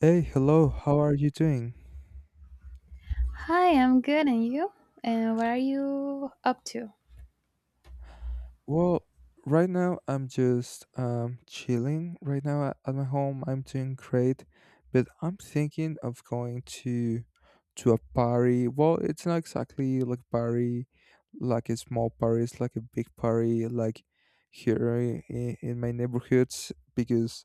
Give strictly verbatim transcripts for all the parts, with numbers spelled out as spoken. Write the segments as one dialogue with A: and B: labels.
A: Hey, hello, how are you doing?
B: Hi, I'm good, and you? And what are you up to?
A: Well, right now I'm just um, chilling right now a- at my home. I'm doing great, but I'm thinking of going to to a party. Well, it's not exactly like party, like a small party, it's like a big party, like here in, in my neighborhoods because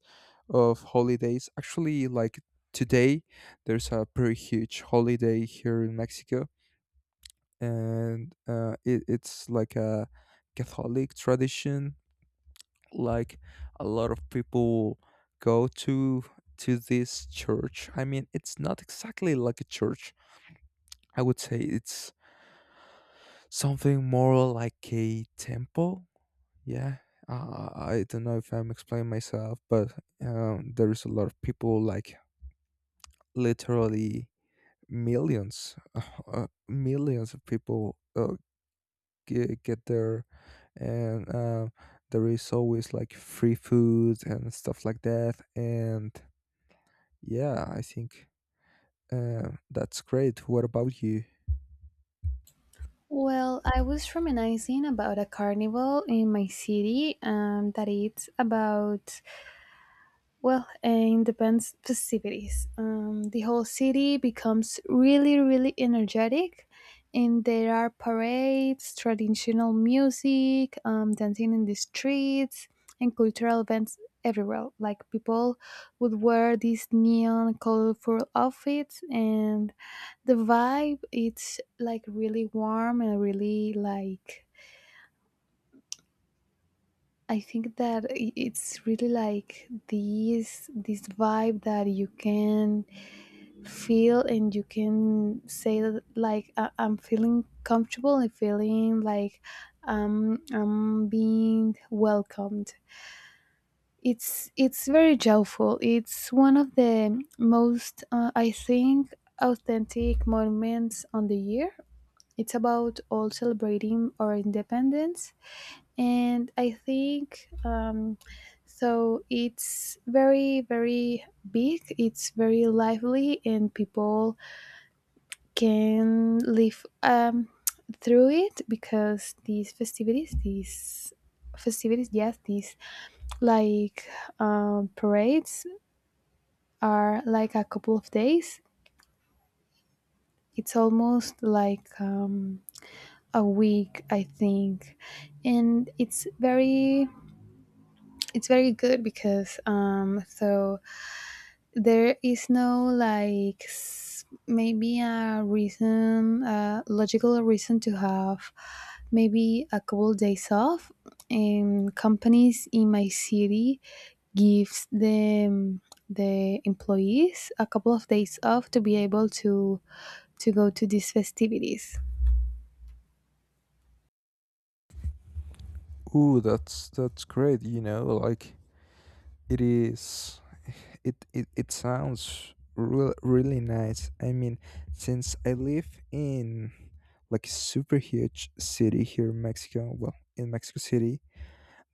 A: of holidays. Actually, like today, there's a pretty huge holiday here in Mexico, and uh, it, it's like a Catholic tradition. Like a lot of people go to to this church. I mean, it's not exactly like a church. I would say it's something more like a temple. Yeah, uh, I don't know if I'm explaining myself, but um, there is a lot of people, like literally millions, uh, millions of people. Uh, g- get there, and uh, there is always like free food and stuff like that. And yeah, I think uh, that's great. What about you?
B: Well, I was reminiscing about a carnival in my city, um, that it's about. Well, eh, in the band's festivities, um, the whole city becomes really, really energetic, and there are parades, traditional music, um, dancing in the streets, and cultural events everywhere. Like people would wear these neon, colorful outfits, and the vibe it's like really warm and really like, I think that i- it's really like this this vibe that you can feel, and you can say that, like I- I'm feeling comfortable and feeling like, um, I'm being welcomed. It's it's very joyful. It's one of the most, uh, I think, authentic moments on the year. It's about all celebrating our independence, and I think, um, so it's very very big. It's very lively, and people can live, um, through it, because these festivities these festivities yes these like, um, parades are like a couple of days. It's almost like, um, a week I think, and it's very it's very good because, um so there is no like, s- maybe a reason, a logical reason, to have maybe a couple days off, and companies in my city gives them the employees a couple of days off to be able to to go to these festivities.
A: Ooh, that's that's great. You know like it is, it it, it sounds real, really nice. I mean, since I live in like a super huge city here in Mexico, well, in Mexico City,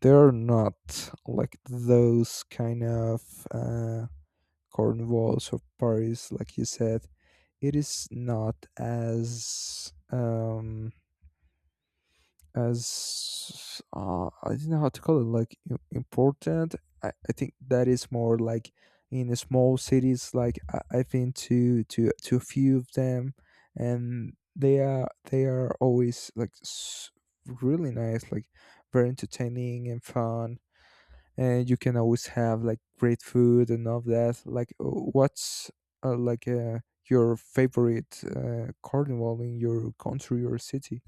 A: there are not like those kind of uh cornwalls or Paris, like you said. It is not as um as uh, I don't know how to call it, like im- important. I, I think that is more like in the small cities. Like I, I've been to to to a few of them, and they are they are always like s- really nice, like very entertaining and fun. And you can always have like great food and all that. Like, uh, what's uh, like uh, your favorite uh, carnival in your country or city?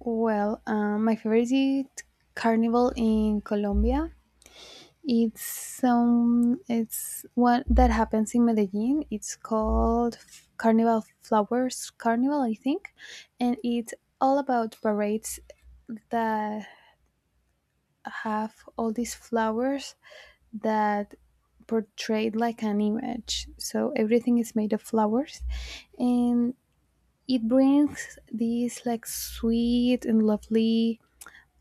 B: Well, um, my favorite carnival in Colombia, it's, um, it's one that happens in Medellin. It's called F- Carnival Flowers Carnival, I think, and it's all about parades that have all these flowers that portrayed like an image. So everything is made of flowers, and it brings this like sweet and lovely,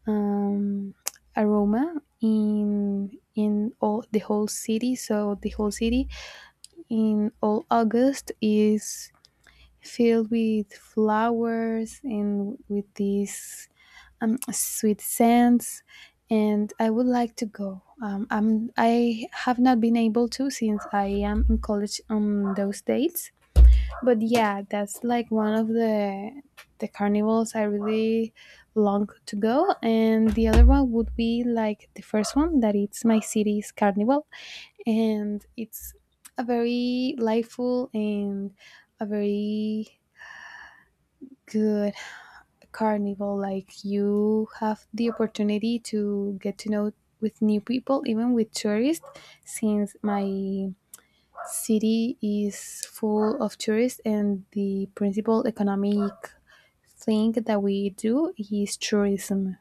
B: um, aroma in in all the whole city. So the whole city in all August is filled with flowers and with these, um, sweet scents. And I would like to go. Um, I'm, I have not been able to, since I am in college on those dates. But yeah, that's like one of the the carnivals I really long to go. And the other one would be like the first one, that it's my city's carnival, and it's a very liveful and a very good carnival, like you have the opportunity to get to know with new people, even with tourists, since my city is full of tourists, and the principal economic thing that we do is tourism.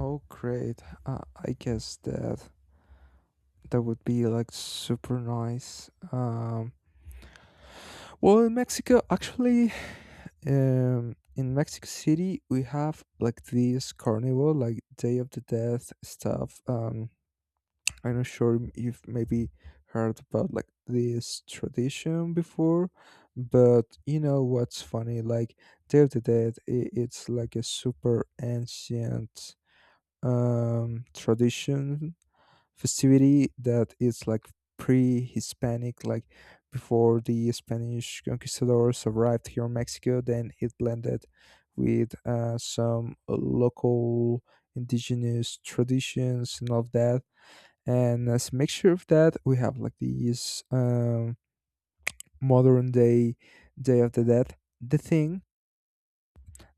A: Oh, great! Uh, I guess that that would be like super nice. Um, well, in Mexico, actually, um, in Mexico City, we have like this carnival, like Day of the Death stuff. Um, I'm not sure if maybe heard about like this tradition before, but you know what's funny? Like Day of the Dead, I it's like a super ancient um tradition festivity that is like pre-Hispanic, like before the Spanish conquistadors arrived here in Mexico. Then it blended with uh, some local indigenous traditions and all of that, and as a mixture of that we have like these um, modern day Day of the Dead. the thing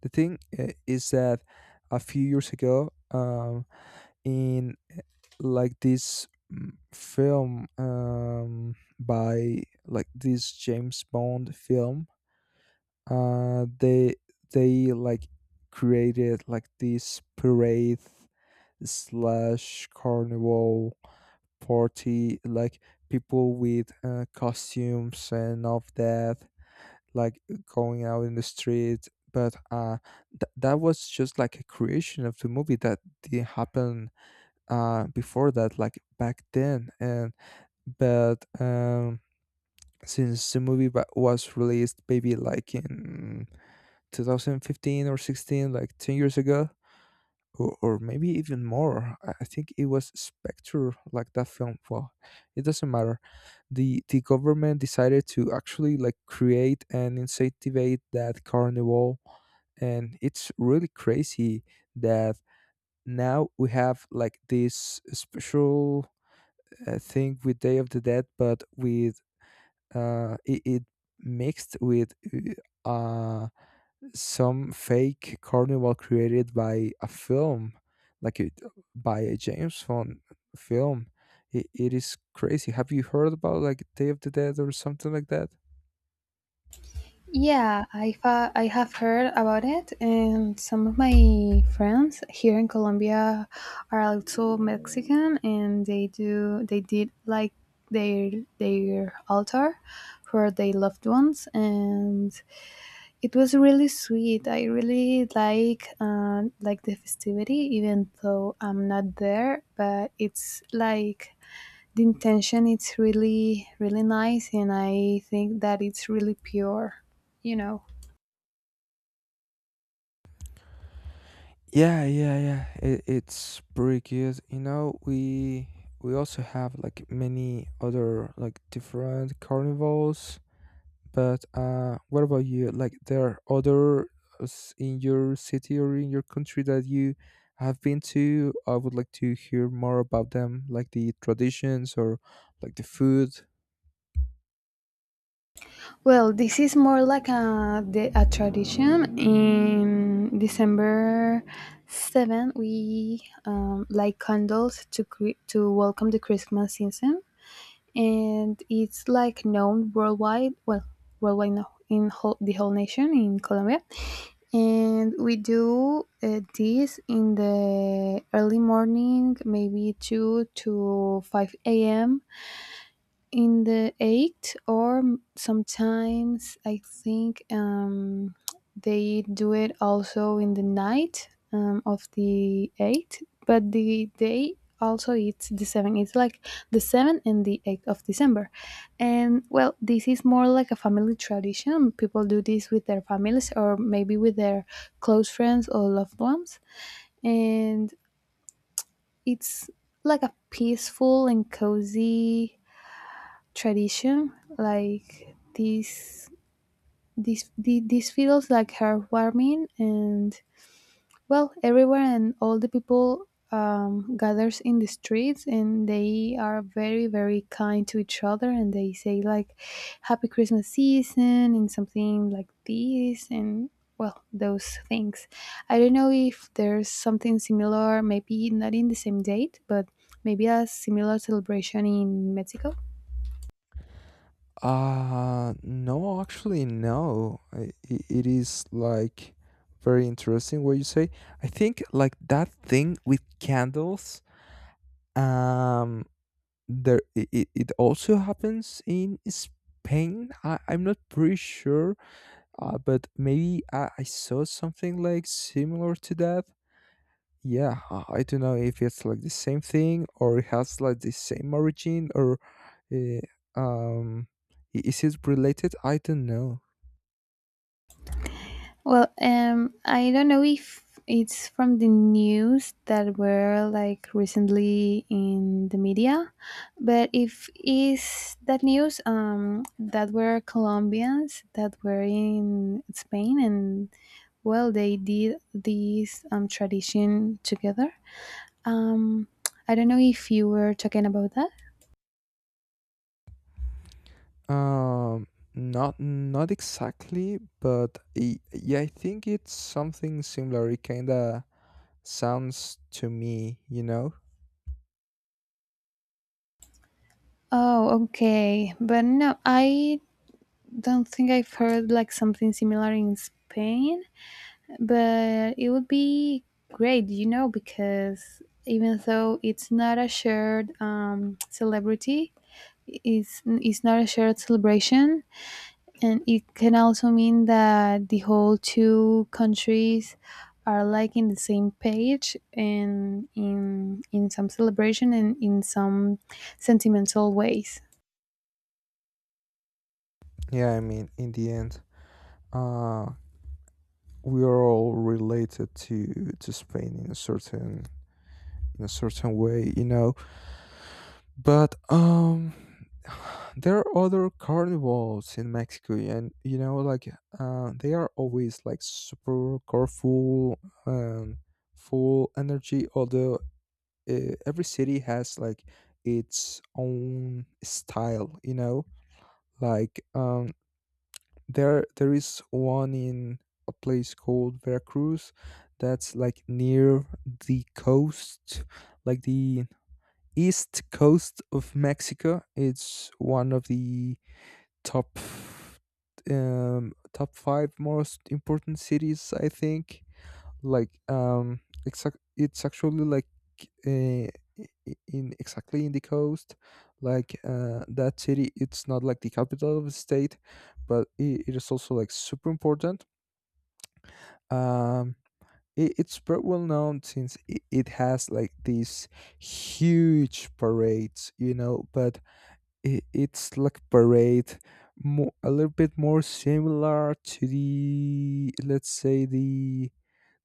A: the thing uh, is that a few years ago um, in uh, like this mm, film, um, by like this James Bond film. Uh, they they like created like this parade slash carnival party, like people with uh, costumes and all of that, like going out in the street. But uh, th- that was just like a creation of the movie that didn't happen uh, before that, like back then. And but um, since the movie wa- was released maybe like in two thousand fifteen or sixteen, like ten years ago, or, or maybe even more. I I think it was Spectre, like that film. Well, it doesn't matter. The the government decided to actually like create and incentivate that carnival, and it's really crazy that now we have like this special uh, thing with Day of the Dead, but with uh, it, it mixed with uh, some fake carnival created by a film, like it, by a James Bond film. It, it is crazy. Have you heard about like Day of the Dead or something like that?
B: Yeah, I've, uh, I have heard about it, and some of my friends here in Colombia are also Mexican, and they do they did like their their altar for their loved ones, and it was really sweet. I really like, uh, like the festivity, even though I'm not there, but it's like the intention. It's really really nice, and I think that it's really pure. You know.
A: Yeah, yeah, yeah. It, it's pretty good. You know, we we also have like many other like different carnivals. But uh, what about you? Like, there are others in your city or in your country that you have been to. I would like to hear more about them, like the traditions or like the food.
B: Well, this is more like a the, a tradition. In December seven, we um, light candles to cre- to welcome the Christmas season, and it's like known worldwide. Well, worldwide no, in whole, the whole nation in Colombia, and we do, uh, this in the early morning, maybe two to five a m in the eight, or m- sometimes I think, um, they do it also in the night, um, of the eight. But the day also, it's the seven. It's like the seven and the eighth of December. And well, this is more like a family tradition. People do this with their families or maybe with their close friends or loved ones, and it's like a peaceful and cozy tradition. Like this this the, this feels like heartwarming, and well, everywhere and all the people, um, gathers in the streets, and they are very very kind to each other, and they say like happy Christmas season and something like this. And well, those things, I don't know if there's something similar, maybe not in the same date, but maybe a similar celebration in Mexico.
A: Uh, no, actually, no. I, i- it is like very interesting what you say. I think like that thing with candles. Um, there it, it it also happens in Spain. I, I'm not pretty sure. Uh, but maybe I, I saw something like similar to that. Yeah, I I don't know if it's like the same thing or it has like the same origin or uh, um, i- is it related? I don't know.
B: Well, um, I don't know if it's from the news that were like recently in the media, but if is that news, um that were Colombians that were in Spain, and well, they did this um tradition together. Um, I don't know if you were talking about that.
A: Um, Not not exactly, but I, yeah, I think it's something similar. It kinda sounds to me, you know.
B: Oh, okay, but no, I don't think I've heard like something similar in Spain. But it would be great, you know, because even though it's not a shared, um, celebrity, it's, it's not a shared celebration, and it can also mean that the whole two countries are like in the same page, and in in some celebration, and in some sentimental ways.
A: Yeah, I mean, in the end, uh, we are all related to to Spain in a certain in a certain way, you know. But um, there are other carnivals in Mexico, and you know, like uh, they are always like super colorful and full energy. Although uh, every city has like its own style, you know. Like um, there there is one in a place called Veracruz that's like near the coast, like the east coast of Mexico. It's one of the top um, top five most important cities, I think. Like um, exact, it's actually like uh, I- in exactly in the coast. Like uh, that city, it's not like the capital of the state, but it, it is also like super important. Um, it, it's pretty well known since it, it has like these huge parades, you know, but i- it's like parade more, a little bit more similar to the, let's say, the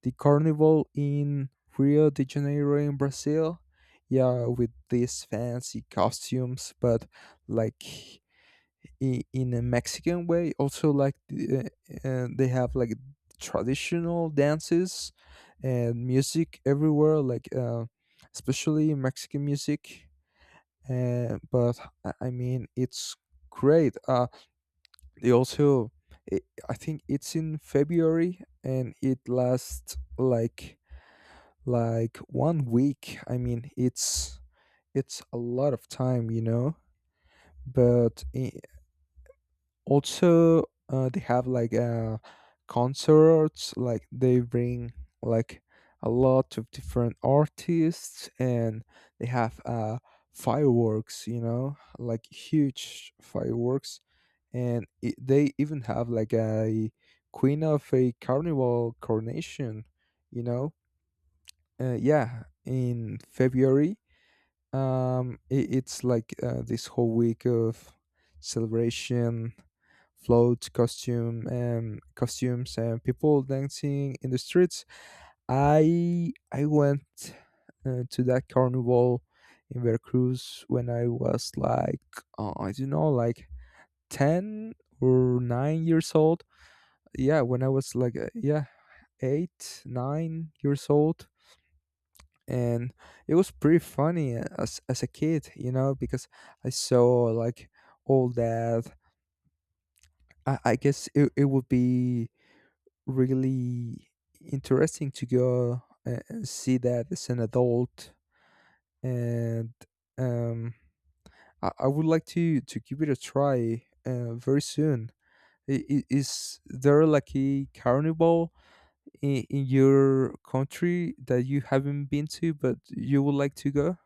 A: the carnival in Rio de Janeiro in Brazil, yeah, with these fancy costumes, but like in, in a Mexican way also, like the, uh, uh, they have like traditional dances and music everywhere, like uh, especially Mexican music, uh, but I I mean it's great. Uh, they also, i I think it's in February and it lasts like like one week. I mean it's it's a lot of time, you know. But in, also uh, they have like uh, concerts, like they bring like a lot of different artists, and they have uh, fireworks, you know like huge fireworks. And it, they even have like a queen of a carnival coronation, you know uh, yeah, in February. Um it, it's like uh, this whole week of celebration, floats, costume, um, costumes, and people dancing in the streets. I I went uh, to that carnival in Veracruz when I was like uh, I don't know, like ten or nine years old. Yeah, when I was like uh, yeah eight, nine years old, and it was pretty funny as as a kid, you know, because I saw like all that. I, I guess it, it would be really interesting to go a- and see that as an adult, and um i, I would like to to give it a try uh, very soon. I- i- is there like a carnival in, in your country that you haven't been to but you would like to go?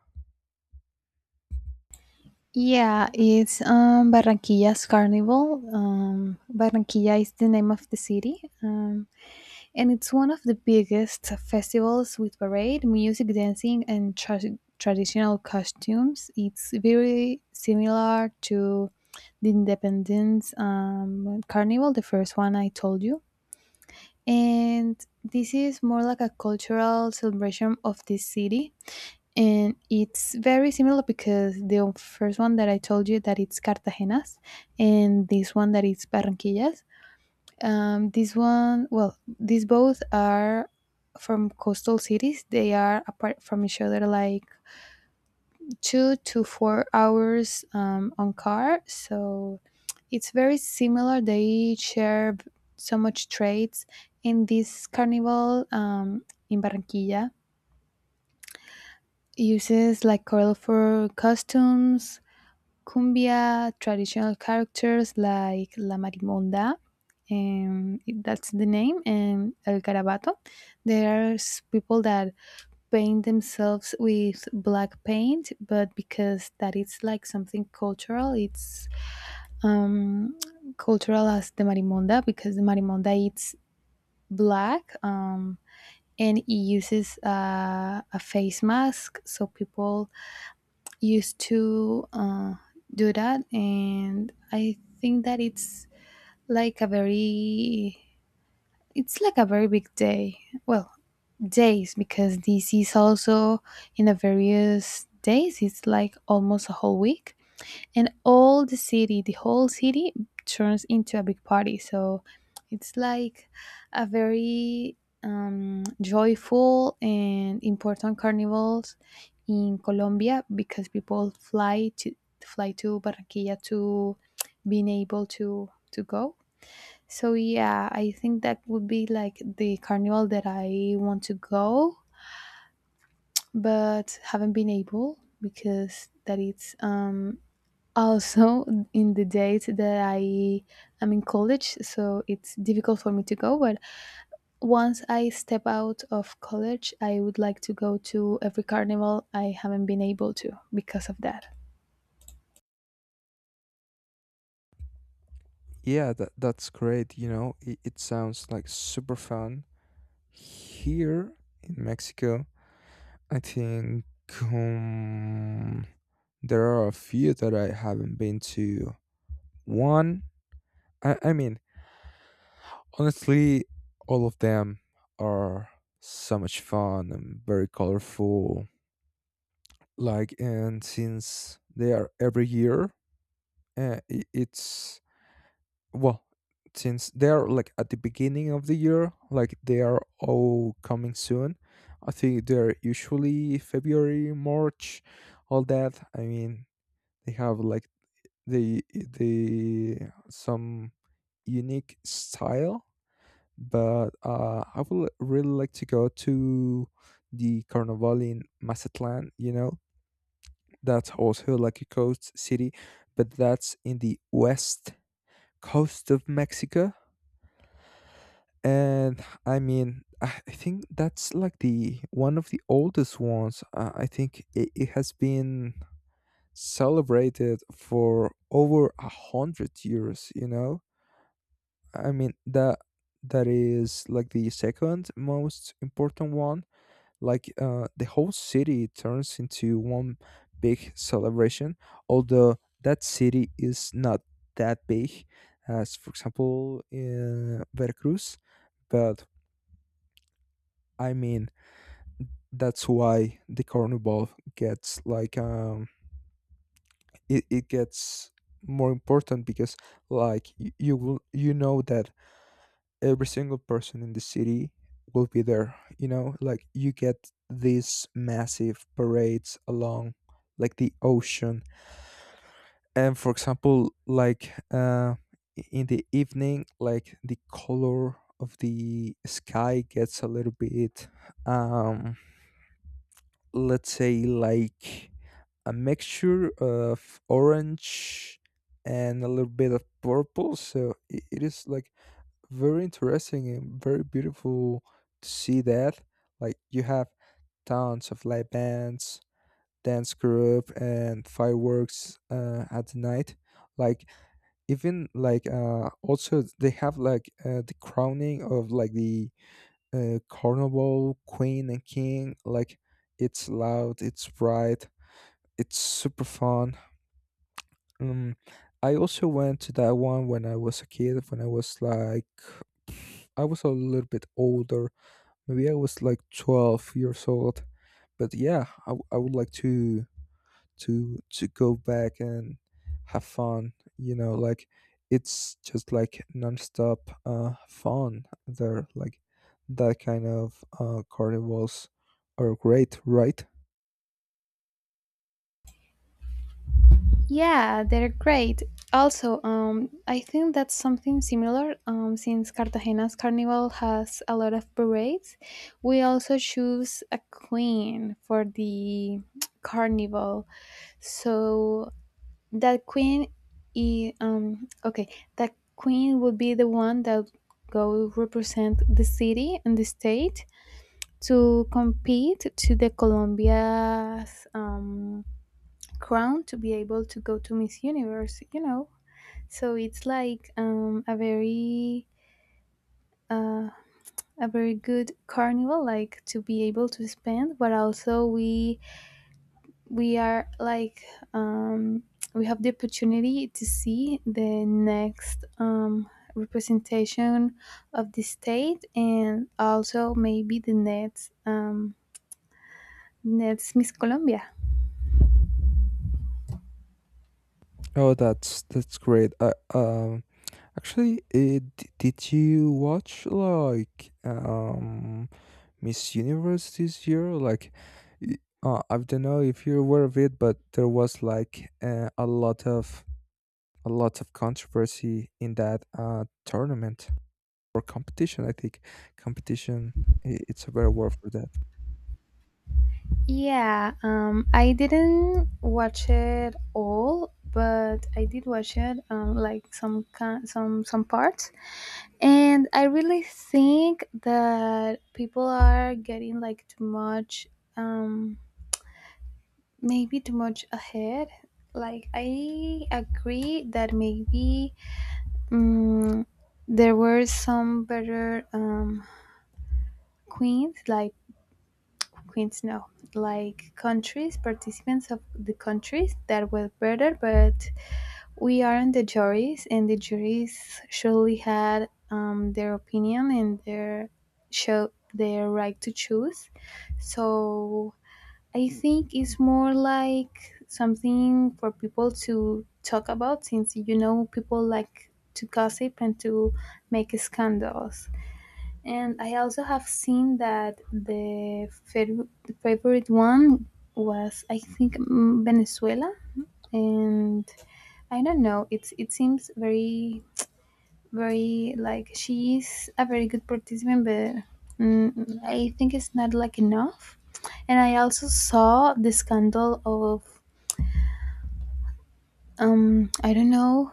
B: Yeah, it's, um, Barranquilla's carnival. Um, Barranquilla is the name of the city. Um, And it's one of the biggest festivals with parade, music, dancing, and tra- traditional costumes. It's very similar to the Independence, um, Carnival, the first one I told you. And this is more like a cultural celebration of this city. And it's very similar, because the first one that I told you, that it's Cartagena's, and this one that is Barranquillas, um, this one, well, these both are from coastal cities. They are apart from each other like two to four hours, um, on car. So it's very similar. They share, b- so much traits. And this carnival, um, in Barranquilla, uses like coral for costumes, cumbia traditional characters like La Marimonda, and that's the name, and El Garabato. There's people that paint themselves with black paint, but because that is like something cultural, it's, um, cultural as the Marimonda, because the Marimonda, it's black, um, and it uses, uh, a face mask, so people used to, uh, do that. And I think that it's like a very it's like a very big day. Well, days, because this is also in the various days. It's like almost a whole week, and all the city the whole city turns into a big party. So it's like a very, um, joyful and important carnivals in Colombia, because people fly to fly to Barranquilla to being able to to go. So yeah, I think that would be like the carnival that I want to go, but haven't been able, because that it's, um also, in the date that I am in college, so it's difficult for me to go. But once I step out of college, I would like to go to every carnival I haven't been able to because of that.
A: Yeah, that, that's great. you know it, it sounds like super fun here in Mexico. I think um, there are a few that I haven't been to. One, I, I mean, honestly, all of them are so much fun and very colorful. Like, and since they are every year, uh, i- it's well, since they are like at the beginning of the year, like they are all coming soon. I think they're usually February, March, all that. I mean, they have like the the some unique style. But uh, I would really like to go to the Carnival in Mazatlan. You know, that's also like a coast city, but that's in the west coast of Mexico. And I mean, I I think that's like the one of the oldest ones. Uh, I think it, it has been celebrated for over a hundred years. You know, I mean that that is like the second most important one. Like uh, the whole city turns into one big celebration, although that city is not that big as, for example, in Veracruz. But I mean that's why the carnival gets like um it, it gets more important, because like y- you will you know that every single person in the city will be there. You know like, you get these massive parades along like the ocean. And for example, like uh in the evening, like the color of the sky gets a little bit um let's say like a mixture of orange and a little bit of purple, so i- it is like very interesting and very beautiful to see that. Like you have tons of live bands, dance group, and fireworks uh, at the night. Like even like uh, also they have like uh, the crowning of like the uh, carnival queen and king. Like it's loud, it's bright, it's super fun. Um, I also went to that one when I was a kid. When I was like I was a little bit older. Maybe I was like twelve years old. But yeah, I, w- I would like to to to go back and have fun. You know, like, it's just like nonstop uh, fun there. Like that kind of uh, carnivals are great, right?
B: Yeah, they're great. Also, um, I think that's something similar. Um, since Cartagena's carnival has a lot of parades, we also choose a queen for the carnival. So that queen, i- um okay that queen would be the one that go represent the city and the state, to compete to the Colombia's, um, crown, to be able to go to Miss Universe, you know. So it's like, um, a very, uh, a very good carnival, like to be able to spend. But also, we we are like um, we have the opportunity to see the next, um, representation of the state, and also maybe the next um, next Miss Colombia.
A: Oh, that's that's great. Uh, um, actually, it, did you watch like um? Miss Universe this year? Like, y- uh, I don't know if you're aware of it, but there was like uh, a lot of a lot of controversy in that uh, tournament or competition. I think competition. i- It's a better word for that.
B: Yeah, um, I didn't watch it all, but I did watch it, um, like some ki- some some parts, and I really think that people are getting like too much. Um, Maybe too much ahead. Like I agree that maybe, mm there were some better, um, queens, like queens no, like countries, participants of the countries that were better, but we aren't the juries, and the juries surely had, um, their opinion and their show, their right to choose. So I think it's more like something for people to talk about, since you know, people like to gossip and to make scandals. And I also have seen that the, fav- the favorite one was, I think, mm, Venezuela, and I don't know, it's, it seems very very like, she is a very good participant, but, mm, I think it's not like enough. And I also saw the scandal of, um I don't know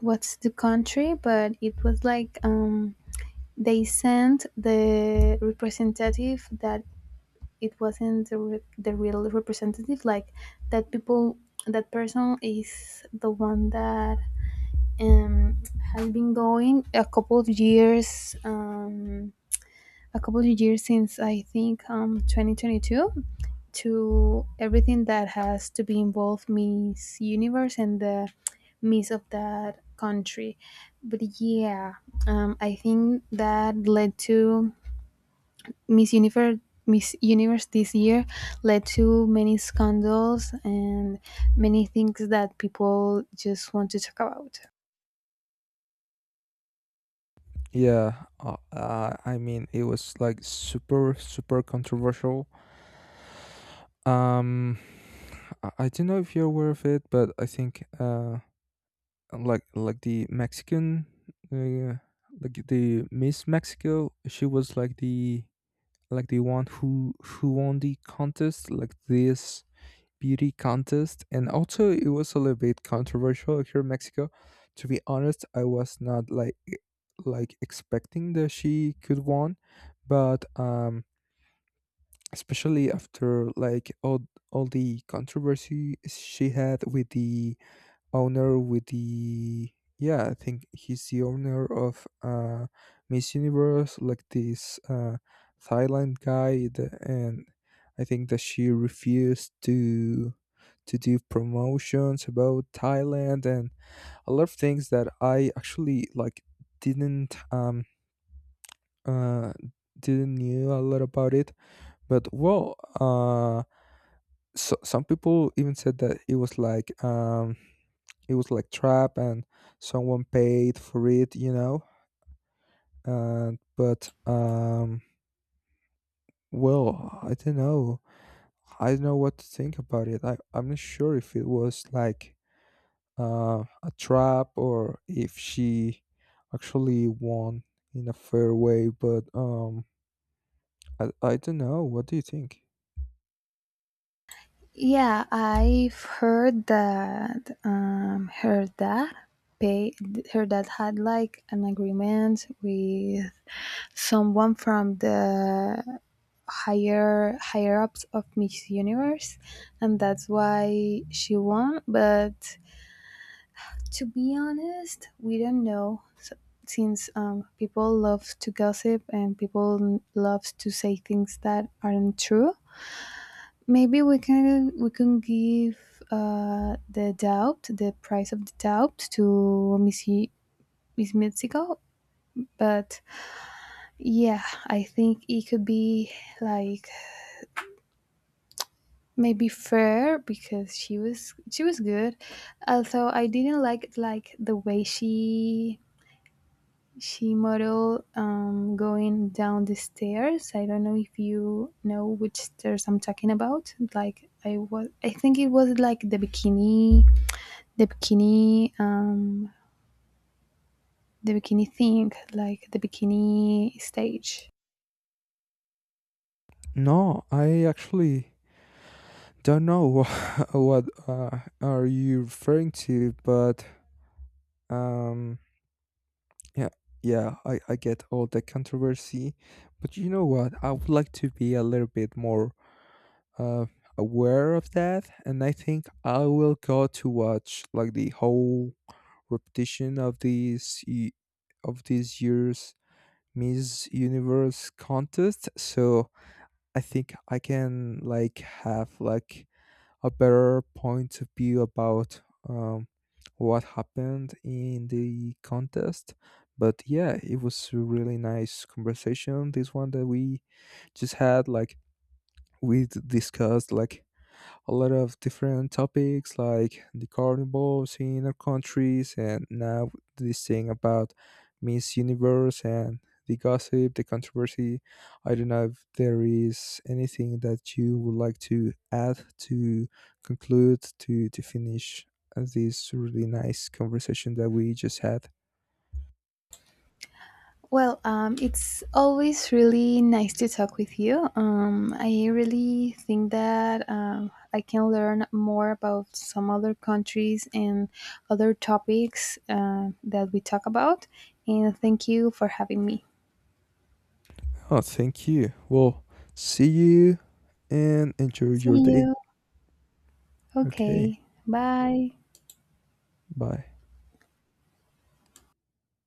B: what's the country, but it was like, um they sent the representative that it wasn't the, re- the real representative. Like that people, that person is the one that, um has been going a couple of years um a couple of years, since I think, um twenty twenty-two, to everything that has to be involved Miss Universe and the Miss of that country. But yeah, um, I think that led to Miss Universe. Miss Universe this year led to many scandals and many things that people just want to talk about.
A: Yeah, uh, uh, I mean, it was like super, super controversial. Um, I I don't know if you're aware of it, but I think uh, um, like like the Mexican, uh, like the Miss Mexico. She was like the like the one who who won the contest, like this beauty contest, and also it was a little bit controversial here in Mexico. To be honest, I was not like e- like expecting that she could won, but um, especially after like all all the controversy she had with the owner, with the, yeah, I think he's the owner of uh Miss Universe, like this uh Thailand guy. The- and I think that she refused to to do promotions about Thailand and a lot of things that I actually like didn't um uh didn't knew a lot about it. But well, uh so, some people even said that it was like um it was like trap and someone paid for it you know and but um well, I don't know. I don't know what to think about it. I, i'm not sure if it was like uh, a trap or if she actually won in a fair way. But um i, I don't know, what do you think?
B: Yeah, I've heard that. Um, her dad pay. Her dad had like an agreement with someone from the higher higher ups of Miss Universe, and that's why she won. But to be honest, we don't know. S- Since um, people love to gossip, and people love to say things that aren't true. Maybe we can we can give, uh, the doubt, the price of the doubt to, Miss Ye- Miss Mitsuko. But yeah, I think it could be like maybe fair, because she was she was good. Although I didn't like like the way she she model, um, going down the stairs. I don't know if you know which stairs I'm talking about. Like I was, I think it was like the bikini the bikini um, the bikini thing, like the bikini stage.
A: No, I actually don't know what, what uh, are you referring to, but um, yeah, yeah, I, I get all the controversy. But you know what? I would like to be a little bit more uh, aware of that, and I think I will go to watch like the whole repetition of these y- of this year's Miss Universe contest. So I think I can like have like a better point of view about um, what happened in the contest. But yeah, it was a really nice conversation. This one that we just had, like we d- discussed, like a lot of different topics, like the carnivals in our countries and now this thing about Miss Universe and the gossip, the controversy. I don't know if there is anything that you would like to add to conclude, to to finish this really nice conversation that we just had.
B: Well, um, it's always really nice to talk with you. Um, I really think that, um, I can learn more about some other countries and other topics, uh, that we talk about. And thank you for having me.
A: Oh, thank you. Well, see you and enjoy
B: See
A: your day.
B: you.
A: Okay.
B: Okay. Bye.
A: Bye.